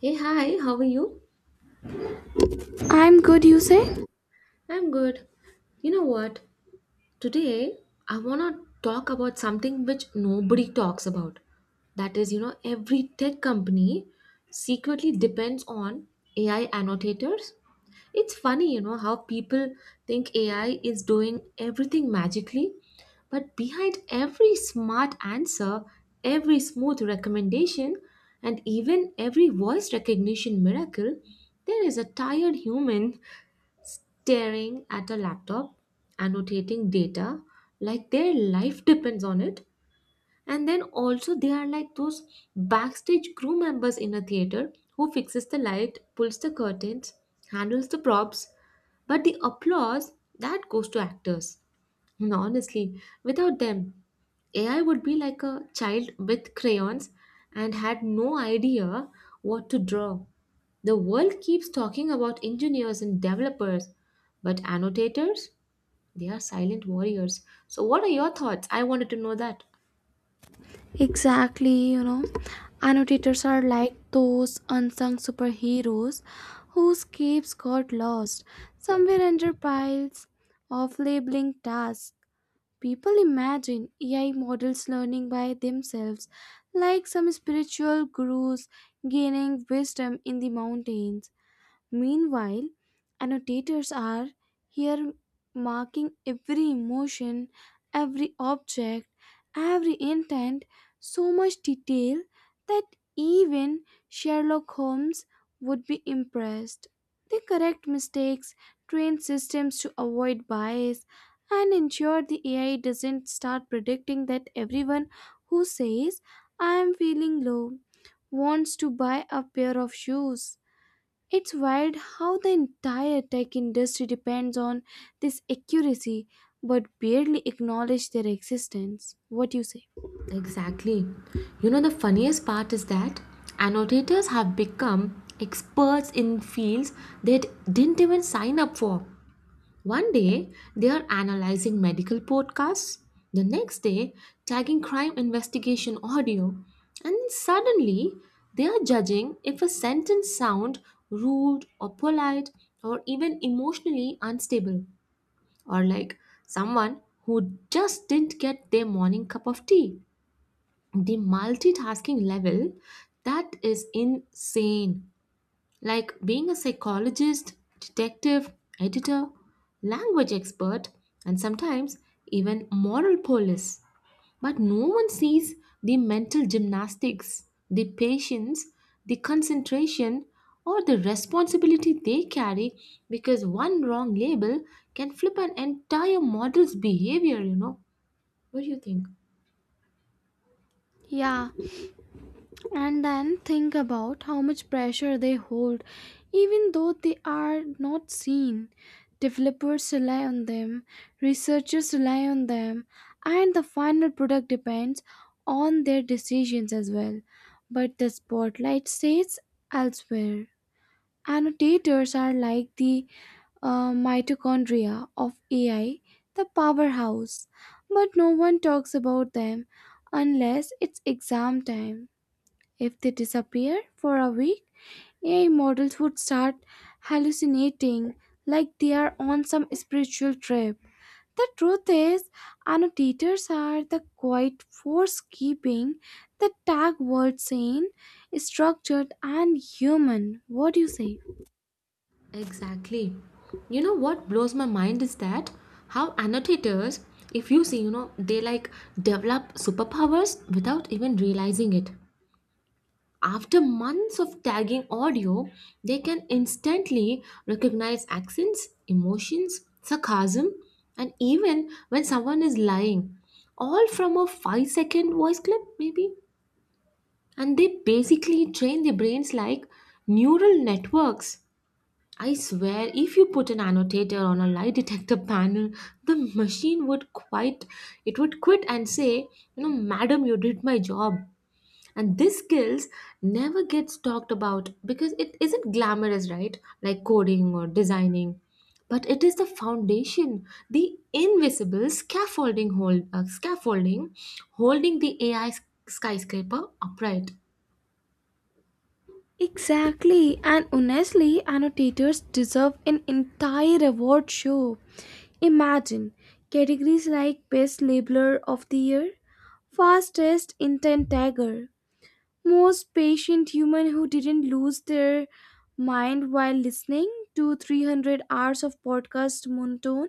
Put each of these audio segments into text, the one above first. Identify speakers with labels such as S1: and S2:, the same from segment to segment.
S1: Hey, hi, how are you?
S2: I'm good, you say?
S1: I'm good. You know what? Today, I want to talk about something which nobody talks about. That is, you know, every tech company secretly depends on AI annotators. It's funny, you know, how people think AI is doing everything magically, but behind every smart answer, every smooth recommendation, and even every voice recognition miracle, there is a tired human staring at a laptop, annotating data like their life depends on it. And then also they are like those backstage crew members in a theater who fixes the light, pulls the curtains, handles the props, but the applause that goes to actors and honestly, without them, AI would be like a child with crayons and had no idea what to draw. The world keeps talking about engineers and developers, but annotators, they are silent warriors. So, what are your thoughts? I wanted to know that.
S2: Exactly. Annotators are like those unsung superheroes whose capes got lost somewhere under piles of labeling tasks. People imagine AI models learning by themselves, like some spiritual gurus gaining wisdom in the mountains. Meanwhile, annotators are here marking every emotion, every object, every intent, so much detail that even Sherlock Holmes would be impressed. They correct mistakes, train systems to avoid bias, and ensure the AI doesn't start predicting that everyone who says, I am feeling low, wants to buy a pair of shoes. It's wild how the entire tech industry depends on this accuracy but barely acknowledge their existence. What you say?
S1: Exactly. You know, the funniest part is that annotators have become experts in fields they didn't even sign up for. One day, they are analyzing medical podcasts. The next day, tagging crime investigation audio. And then suddenly, they are judging if a sentence sound rude or polite or even emotionally unstable or like someone who just didn't get their morning cup of tea. The multitasking level that is insane, like being a psychologist, detective, editor, language expert, and sometimes even moral police. But no one sees the mental gymnastics, the patience, the concentration, or the responsibility they carry because one wrong label can flip an entire model's behavior, you know. What do you think?
S2: Yeah, and then think about how much pressure they hold, even though they are not seen. Developers rely on them, researchers rely on them, and the final product depends on their decisions as well. But the spotlight stays elsewhere. Annotators are like the mitochondria of AI, the powerhouse, but no one talks about them unless it's exam time. If they disappear for a week, AI models would start hallucinating like they are on some spiritual trip. The truth is, annotators are the quiet force keeping the tag world sane, structured, and human. What do you say?
S1: Exactly. You know what blows my mind is that how annotators, if you see, you know, they like develop superpowers without even realizing it. After months of tagging audio, they can instantly recognize accents, emotions, sarcasm, and even when someone is lying, all from a 5 second voice clip, maybe. And they basically train their brains like neural networks. I swear, if you put an annotator on a lie detector panel, the machine would quite it would quit and say, you know, madam, you did my job. And this skills never gets talked about because it isn't glamorous, right? Like coding or designing. But it is the foundation, the invisible scaffolding holding the AI skyscraper upright.
S2: Exactly, and honestly, annotators deserve an entire award show. Imagine categories like Best Labeler of the Year, Fastest Intent Tagger, Most Patient Human Who Didn't Lose Their Mind While Listening to 300 Hours of Podcast Monotone,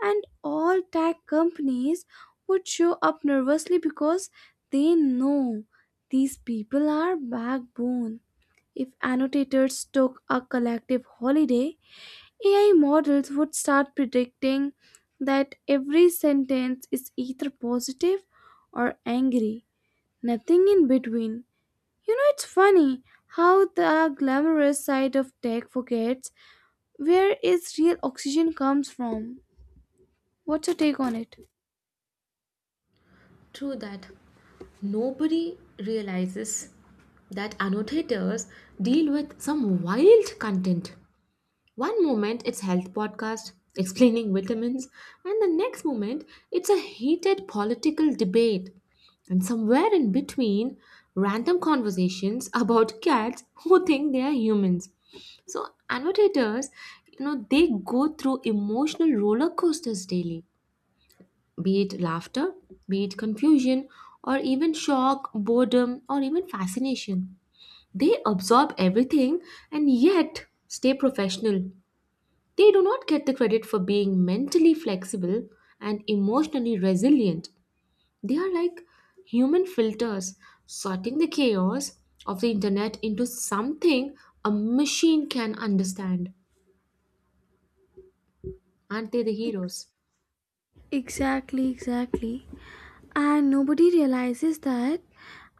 S2: and all tag companies would show up nervously because they know these people are backbone. If annotators took a collective holiday, AI models would start predicting that every sentence is either positive or angry, nothing in between. You know, it's funny how the glamorous side of tech forgets where its real oxygen comes from. What's your take on it?
S1: True that. Nobody realizes that annotators deal with some wild content. One moment it's health podcast explaining vitamins, and the next moment it's a heated political debate. And somewhere in between, random conversations about cats who think they are humans. So annotators, you know, they go through emotional roller coasters daily, be it laughter, be it confusion, or even shock, boredom, or even fascination. They absorb everything and yet stay professional. They do not get the credit for being mentally flexible and emotionally resilient. They are like human filters, sorting the chaos of the internet into something a machine can understand. Aren't they the heroes?
S2: Exactly, exactly. And nobody realizes that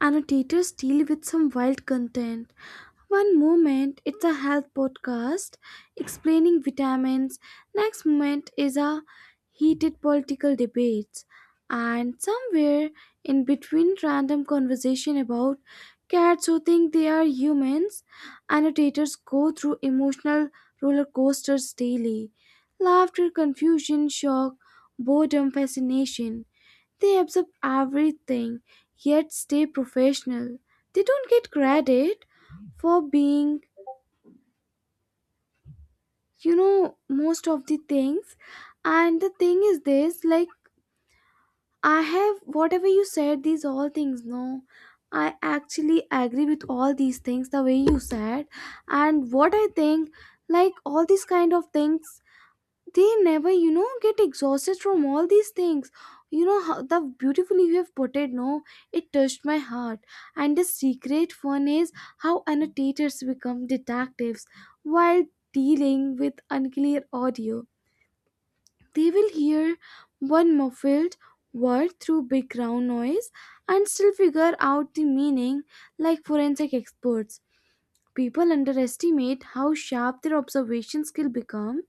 S2: annotators deal with some wild content. One moment it's a health podcast explaining vitamins, next moment is a heated political debates, and somewhere in between random conversation about cats who think they are humans, annotators go through emotional roller coasters daily. Laughter, confusion, shock, boredom, fascination. They absorb everything yet stay professional. They don't get credit for being, you know, most of the things. And the thing is this like, I have whatever you said, these all things, no. I actually agree with all these things the way you said. And what I think, like all these kind of things they never you know get exhausted from all these things, you know how the beautifully you have put it, no, it touched my heart. And the secret fun is how annotators become detectives while dealing with unclear audio. They will hear one muffled word through background noise and still figure out the meaning like forensic experts. People underestimate how sharp their observation skill become.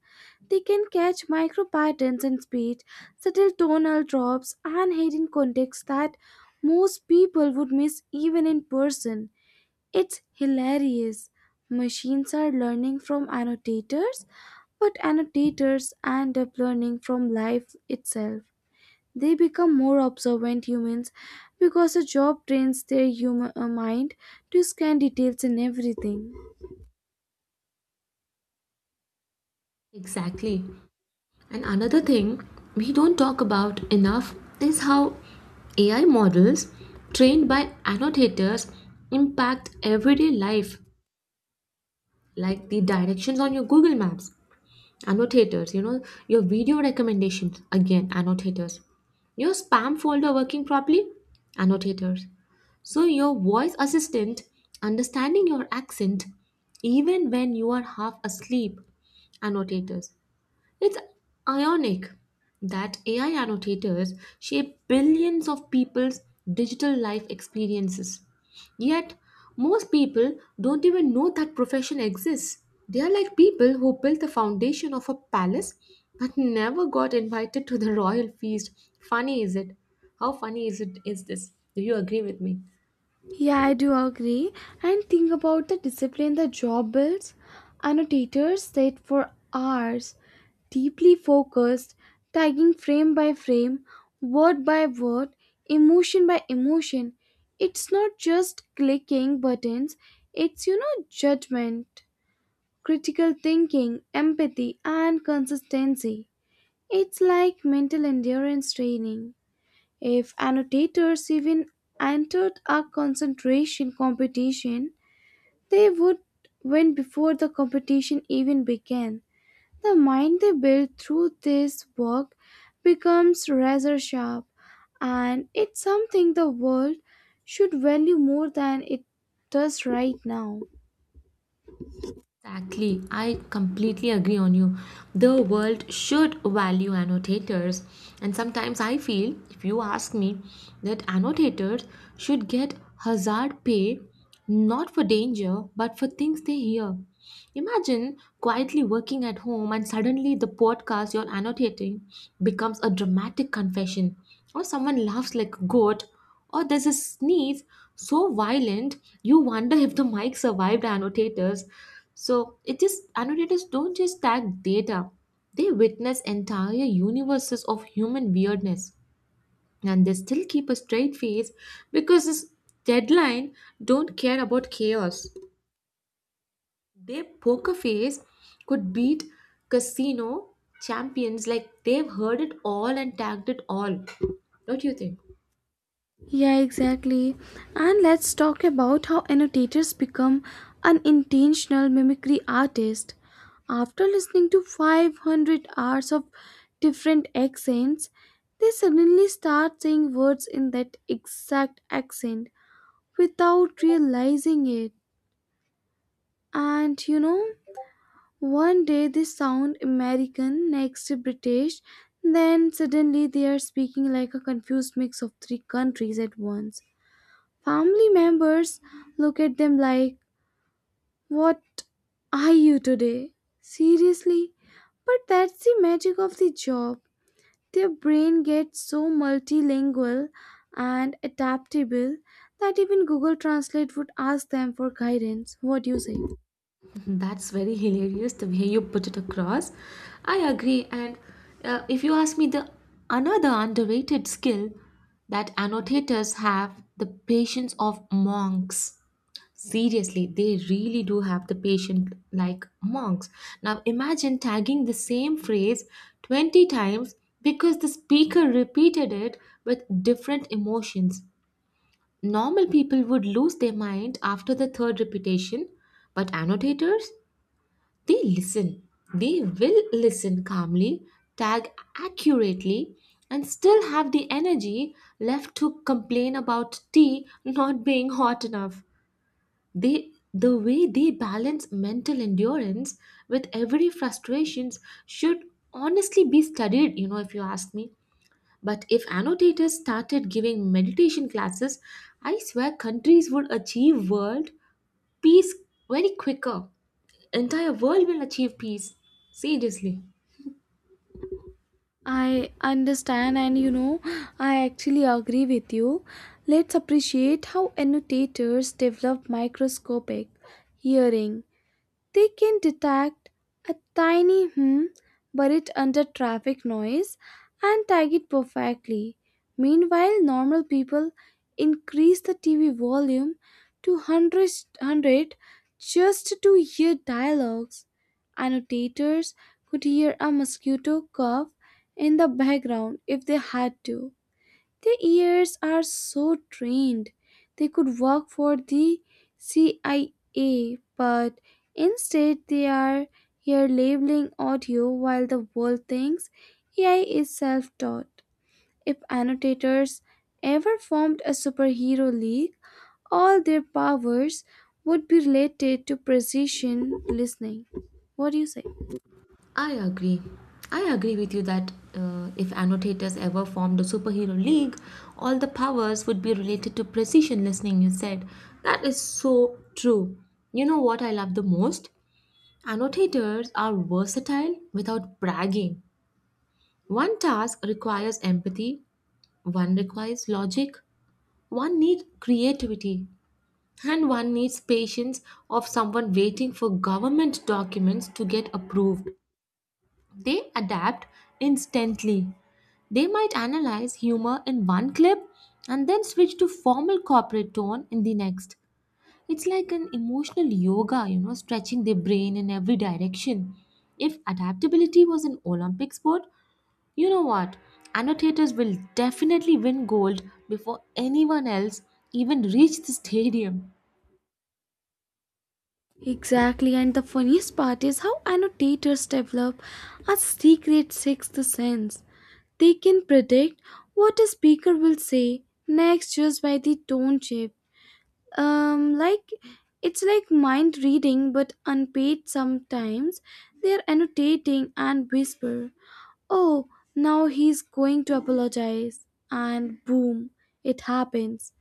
S2: They can catch micro patterns in speech, subtle tonal drops, and hidden context that most people would miss even in person. It's hilarious. Machines are learning from annotators, but annotators end up learning from life itself. They become more observant humans because a job trains their human mind to scan details in everything.
S1: Exactly. And another thing we don't talk about enough is how AI models trained by annotators impact everyday life, like the directions on your Google Maps, annotators, you know, your video recommendations, again, annotators, your spam folder working properly, annotators. So, your voice assistant understanding your accent even when you are half asleep, annotators. It's ironic that AI annotators shape billions of people's digital life experiences. Yet, most people don't even know that profession exists. They are like people who built the foundation of a palace but never got invited to the royal feast. Funny is it? How funny is it is this? Do you agree with me?
S2: Yeah, I do agree. And think about the discipline the job builds. Annotators sit for hours, deeply focused, tagging frame by frame, word by word, emotion by emotion. It's not just clicking buttons, it's, you know, judgment, critical thinking, empathy, and consistency. It's like mental endurance training. If annotators even entered a concentration competition, they would win before the competition even began. The mind they build through this work becomes razor sharp, and it's something the world should value more than it does right now.
S1: Exactly, I completely agree on you. The world should value annotators, and sometimes I feel, if you ask me, that annotators should get hazard pay, not for danger but for things they hear. Imagine quietly working at home and suddenly the podcast you're annotating becomes a dramatic confession, or someone laughs like a goat, or there's a sneeze so violent you wonder if the mic survived. Annotators, so it just annotators don't just tag data, they witness entire universes of human weirdness and they still keep a straight face because this deadline don't care about chaos. Their poker face could beat casino champions, like they've heard it all and tagged it all. What do you think?
S2: Yeah, exactly. And let's talk about how annotators become unintentional mimicry artists. After listening to 500 hours of different accents, they suddenly start saying words in that exact accent without realizing it. And you know, one day they sound American, next British, then suddenly they are speaking like a confused mix of three countries at once. Family members look at them like, "What are you today? Seriously?" But that's the magic of the job. Their brain gets so multilingual and adaptable that even Google Translate would ask them for guidance. What do you say?
S1: That's very hilarious, the way you put it across. I agree. And if you ask me, the another underrated skill that annotators have, the patience of monks. Seriously, they really do have the patience like monks. Now imagine tagging the same phrase 20 times because the speaker repeated it with different emotions. Normal people would lose their mind after the third repetition, but annotators? They listen. They will listen calmly, tag accurately, and still have the energy left to complain about tea not being hot enough. They the way they balance mental endurance with every frustrations should honestly be studied, you know, if you ask me. But if annotators started giving meditation classes, I swear countries would achieve world peace very quicker, entire world will achieve peace. Seriously.
S2: I understand, and you know, I actually agree with you. Let's appreciate how annotators develop microscopic hearing. They can detect a tiny hum buried under traffic noise and tag it perfectly. Meanwhile, normal people increase the TV volume to one hundred just to hear dialogues. Annotators could hear a mosquito cough in the background if they had to. Their ears are so trained. They could work for the CIA, but instead they are here labeling audio while the world thinks AI is self taught. If annotators ever formed a superhero league, all their powers would be related to precision listening. What do you say?
S1: I agree. I agree with you that if annotators ever formed a superhero league, all the powers would be related to precision listening, you said. That is so true. You know what I love the most? Annotators are versatile without bragging. One task requires empathy, one requires logic, one needs creativity, and one needs patience of someone waiting for government documents to get approved. They adapt instantly. They might analyze humor in one clip and then switch to formal corporate tone in the next. It's like an emotional yoga, you know, stretching their brain in every direction. If adaptability was an Olympic sport, you know what? Annotators will definitely win gold before anyone else even reach the stadium.
S2: Exactly, and the funniest part is how annotators develop a secret sixth sense. They can predict what a speaker will say next just by the tone shape. Like it's like mind reading but unpaid sometimes. They are annotating and whisper, "Oh, now he's going to apologize." And boom, it happens.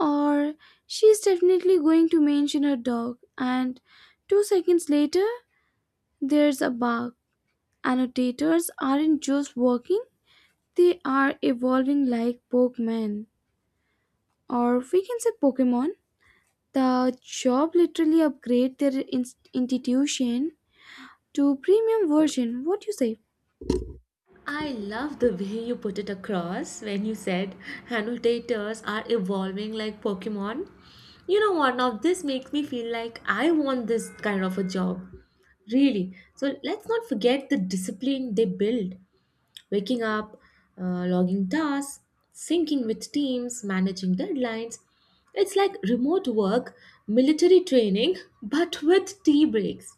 S2: Or, "she's definitely going to mention her dog." And 2 seconds later, there's a bark. Annotators aren't just working, they are evolving like Pokemon, or we can say Pokemon. The job literally upgrade their institution to premium version. What you say?
S1: I love the way you put it across when you said annotators are evolving like Pokemon. You know what? Now, this makes me feel like I want this kind of a job. Really. So, let's not forget the discipline they build, waking up, logging tasks, syncing with teams, managing deadlines. It's like remote work, military training, but with tea breaks.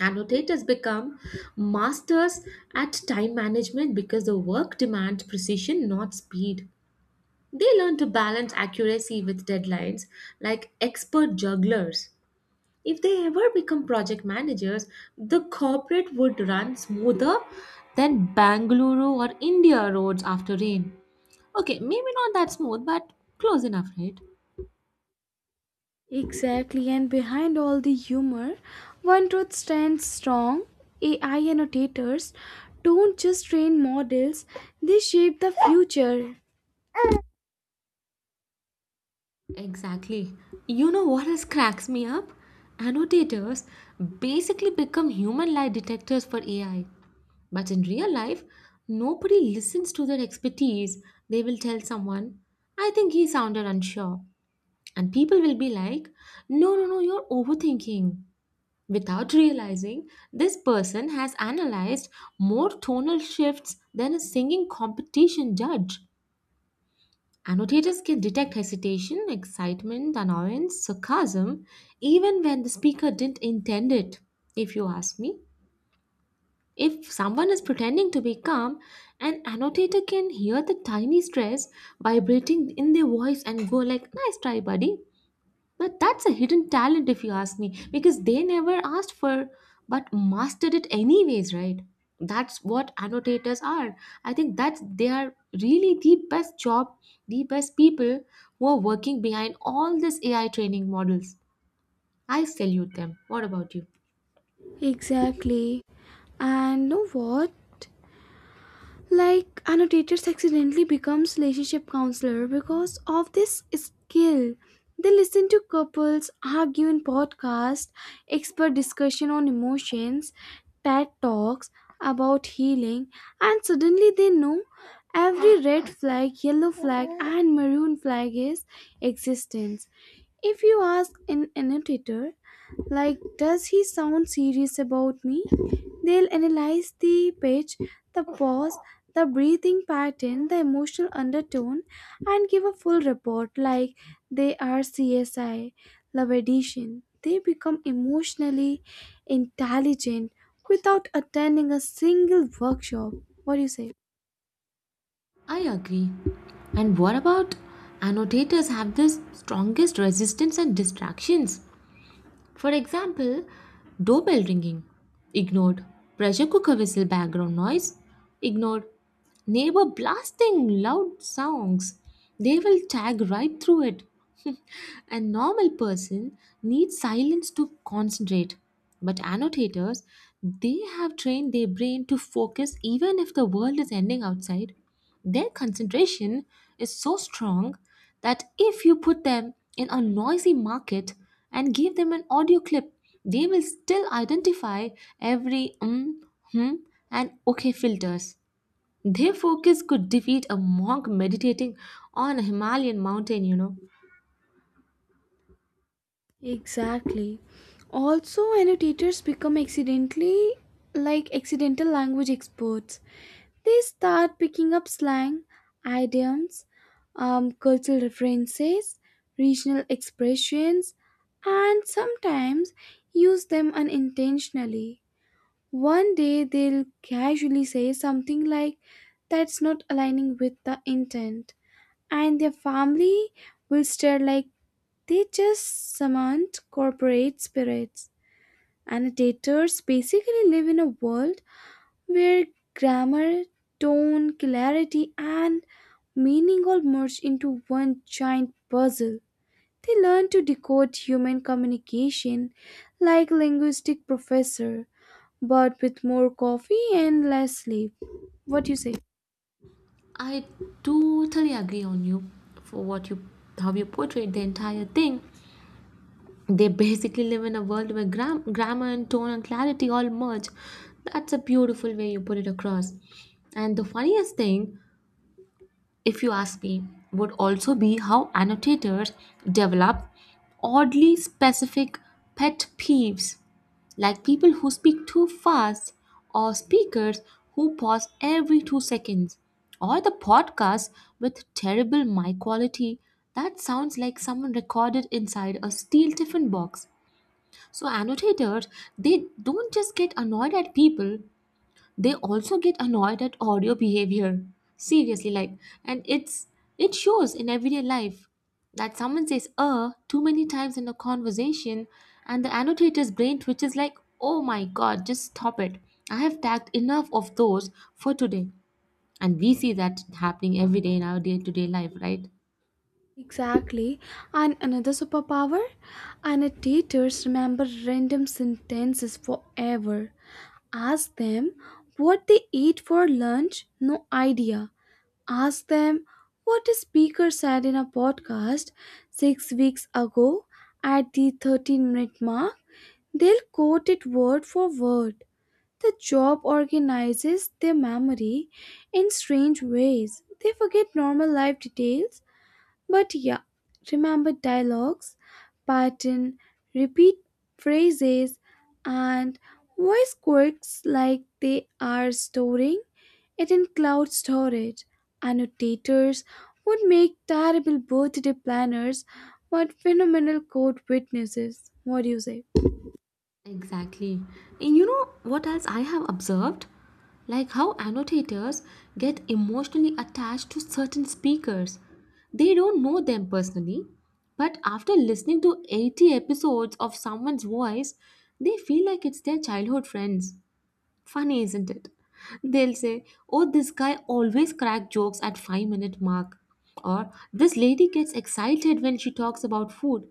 S1: Annotators become masters at time management because the work demands precision, not speed. They learn to balance accuracy with deadlines like expert jugglers. If they ever become project managers, the corporate would run smoother than Bangalore or India roads after rain. Okay, maybe not that smooth, but close enough, right?
S2: Exactly, and behind all the humor, one truth stands strong. AI annotators don't just train models, they shape the future.
S1: Exactly. You know what else cracks me up? Annotators basically become human lie detectors for AI. But in real life, nobody listens to their expertise. They will tell someone, I think he sounded unsure. And people will be like, No, you're overthinking. Without realizing, this person has analyzed more tonal shifts than a singing competition judge. Annotators can detect hesitation, excitement, annoyance, sarcasm, even when the speaker didn't intend it, if you ask me. If someone is pretending to be calm, an annotator can hear the tiny stress vibrating in their voice and go like, nice try, buddy. But that's a hidden talent, if you ask me, because they never asked for but mastered it anyways, right? That's what annotators are. I think that's they are really the best job, the best people who are working behind all these AI training models. I salute them. What about you?
S2: Exactly. And know what? Like annotators accidentally becomes relationship counselor because of this skill. They listen to couples argue in podcasts, expert discussion on emotions, TED talks about healing, and suddenly they know every red flag, yellow flag, and maroon flag is existence. If you ask an annotator, like, does he sound serious about me? They'll analyze the pitch, the pause, the breathing pattern, the emotional undertone, and give a full report like they are CSI, Love Edition. They become emotionally intelligent without attending a single workshop. What do you say?
S1: I agree. And what about annotators have the strongest resistance and distractions? For example, doorbell ringing, ignored. Pressure cooker whistle background noise, ignored. Neighbor blasting loud songs, they will tag right through it. A normal person needs silence to concentrate, but annotators, they have trained their brain to focus even if the world is ending outside. Their concentration is so strong that if you put them in a noisy market and give them an audio clip, they will still identify every hmm, and okay filters. Their focus could defeat a monk meditating on a Himalayan mountain, you know.
S2: Exactly. Also, annotators become accidentally like accidental language experts. They start picking up slang, idioms, cultural references, regional expressions, and sometimes use them unintentionally. One day they'll casually say something like, "that's not aligning with the intent," and their family will stare like they just summoned corporate spirits. Annotators basically live in a world where grammar, tone, clarity, and meaning all merge into one giant puzzle. They learn to decode human communication like linguistic professor, but with more coffee and less sleep. What do you say?
S1: I totally agree on you for what you, how you portrayed the entire thing. They basically live in a world where grammar and tone and clarity all merge. That's a beautiful way you put it across. And the funniest thing, if you ask me, would also be how annotators develop oddly specific pet peeves, like people who speak too fast, or speakers who pause every 2 seconds, or the podcast with terrible mic quality that sounds like someone recorded inside a steel tiffin box. So annotators, they don't just get annoyed at people, they also get annoyed at audio behavior. Seriously, like, and it shows in everyday life that someone says too many times in a conversation, and the annotator's brain twitches like, "Oh my god, just stop it! I have tagged enough of those for today." And we see that happening every day in our day-to-day life, right?
S2: Exactly. And another superpower? Annotators remember random sentences forever. Ask them what they ate for lunch, no idea. Ask them what a speaker said in a podcast 6 weeks ago at the 13-minute mark. They'll quote it word for word. The job organizes their memory in strange ways. They forget normal life details but yeah, remember dialogues, pattern, repeat phrases, and voice quirks like they are storing it in cloud storage. Annotators would make terrible birthday planners but phenomenal court witnesses. What do you say?
S1: Exactly. And you know what else I have observed? Like how annotators get emotionally attached to certain speakers. They don't know them personally, but after listening to 80 episodes of someone's voice, they feel like it's their childhood friends. Funny, isn't it? They'll say, "Oh, this guy always crack jokes at 5-minute mark." Or, "This lady gets excited when she talks about food."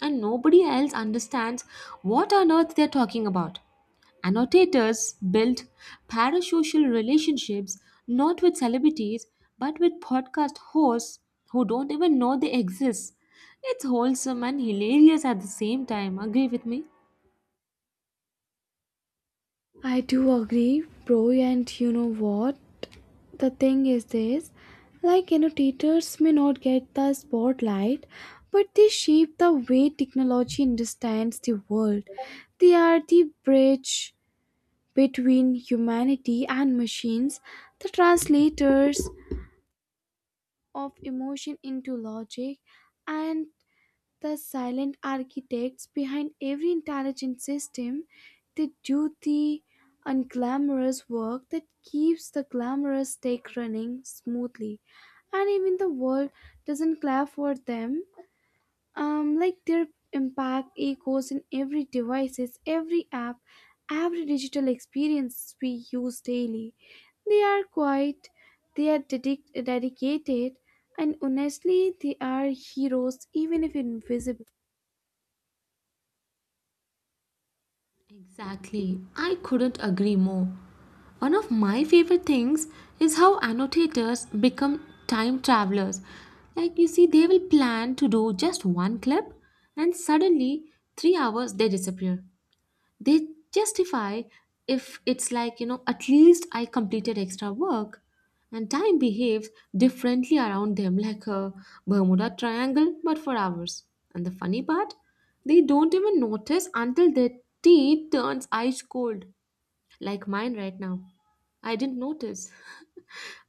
S1: And nobody else understands what on earth they're talking about. Annotators build parasocial relationships not with celebrities but with podcast hosts who don't even know they exist. It's wholesome and hilarious at the same time. Agree with me?
S2: I do agree, bro, and you know what? The thing is this like, you know, teachers may not get the spotlight, but they shape the way technology understands the world. They are the bridge between humanity and machines, the translators of emotion into logic, and the silent architects behind every intelligent system. They do the unglamorous work that keeps the glamorous tech running smoothly. And even the world doesn't clap for them. Like their impact echoes in every devices, every app, every digital experience we use daily. They are quite, they are dedicated, and honestly, they are heroes even if invisible.
S1: Exactly. I couldn't agree more. One of my favorite things is how annotators become time travelers. Like, you see, they will plan to do just one clip, and suddenly, 3 hours they disappear, they justify if it's like, you know, at least I completed extra work. And time behaves differently around them, like a Bermuda triangle but for hours. And the funny part, they don't even notice until their tea turns ice cold, like mine right now. I didn't notice,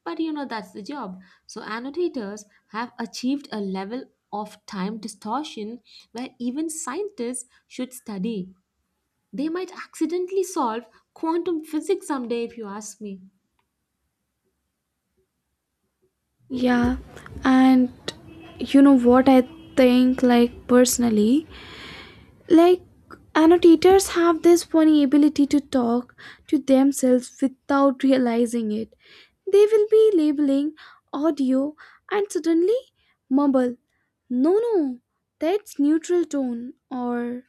S1: but you know, that's the job. So annotators have achieved a level of time distortion where even scientists should study. They might accidentally solve quantum physics someday, if you ask me.
S2: Yeah, and you know what I think, like personally, like annotators have this funny ability to talk to themselves without realizing it. They will be labeling audio and suddenly mumble, "No, no, that's neutral tone," or,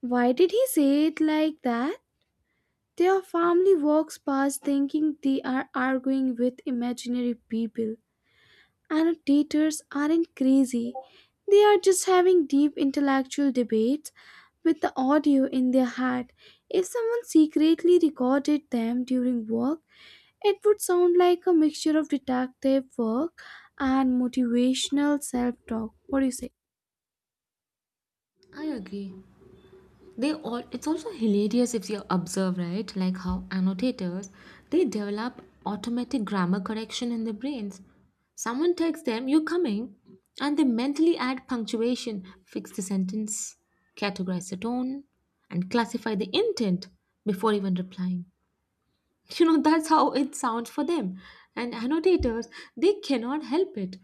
S2: "why did he say it like that?" Their family walks past thinking they are arguing with imaginary people. Annotators aren't crazy, they are just having deep intellectual debates with the audio in their head. If someone secretly recorded them during work, it would sound like a mixture of detective work and motivational self talk. What do you say?
S1: I agree. They all, it's also hilarious if you observe, right? Like how annotators, they develop automatic grammar correction in their brains. Someone texts them, you're coming, and they mentally add punctuation, fix the sentence, categorize the tone, and classify the intent before even replying. You know that's how it sounds for them. And annotators, they cannot help it.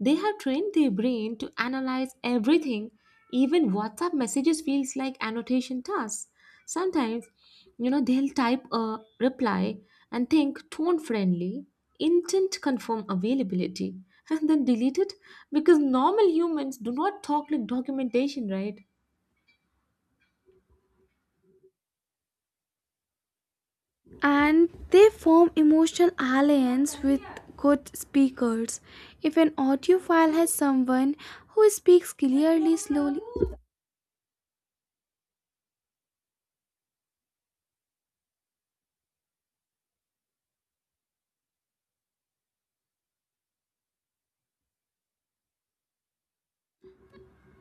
S1: They have trained their brain to analyze everything. Even WhatsApp messages feels like annotation tasks sometimes. You know, they'll type a reply and think tone friendly, intent confirm availability, and then delete it because normal humans do not talk like documentation, right?
S2: And they form emotional alliance with good speakers. If an audiophile has someone who speaks clearly, slowly,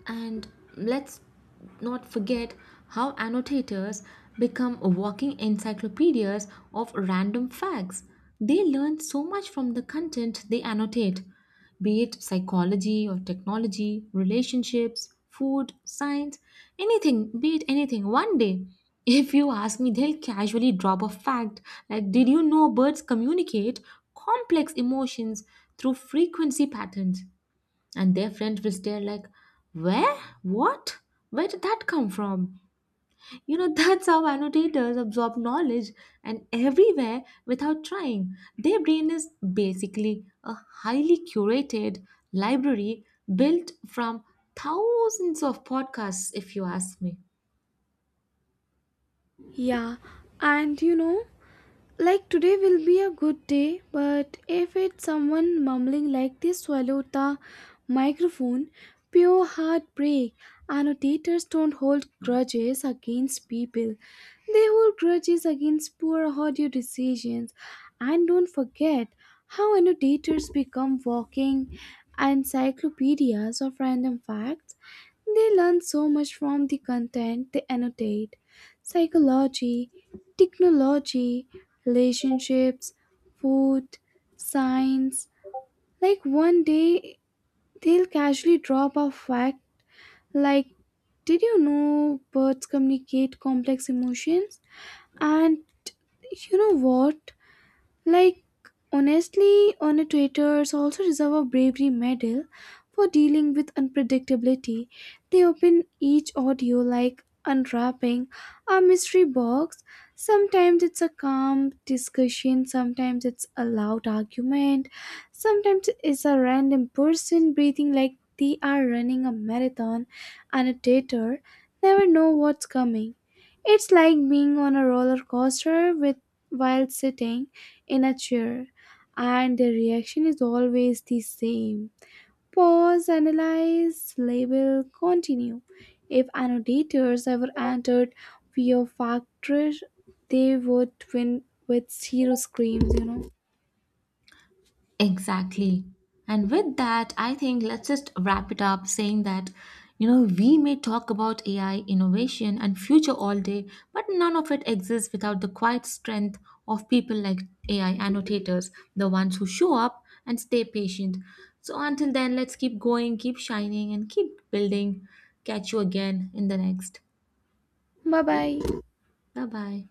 S1: And let's not forget how annotators become walking encyclopedias of random facts. They learn so much from the content they annotate, be it psychology or technology, relationships, food, science, anything, be it anything. One day, if you ask me, they'll casually drop a fact like, Did you know birds communicate complex emotions through frequency patterns? And their friends will stare like, where, what, where did that come from, you know. That's how annotators absorb knowledge and everywhere without trying. Their brain is basically a highly curated library built from thousands of podcasts, if you ask me.
S2: yeah, and you know, like today will be a good day, but if it's someone mumbling like they swallowed the microphone, pure heartbreak. Annotators don't hold grudges against people. They hold grudges against poor audio decisions. And don't forget how annotators become walking encyclopedias of random facts. They learn so much from the content they annotate. Psychology, technology, relationships, food, science. Like one day they'll casually drop a fact like, "Did you know birds communicate complex emotions?" And you know what? Like, honestly, on a traitors also deserve a bravery medal for dealing with unpredictability. They open each audio like unwrapping a mystery box. Sometimes it's a calm discussion, sometimes it's a loud argument, sometimes it's a random person breathing like they are running a marathon, and a traitor never know what's coming. It's like being on a roller coaster with while sitting in a chair, and their reaction is always the same: pause, analyze, label, continue. If annotators ever entered fear factor, they would win with zero screams, you know.
S1: Exactly. And with that, I think let's just wrap it up saying that, you know, we may talk about AI innovation and future all day, but none of it exists without the quiet strength of people like AI annotators, the ones who show up and stay patient. So until then, let's keep going, keep shining, and keep building. Catch you again in the next.
S2: Bye bye.
S1: Bye bye.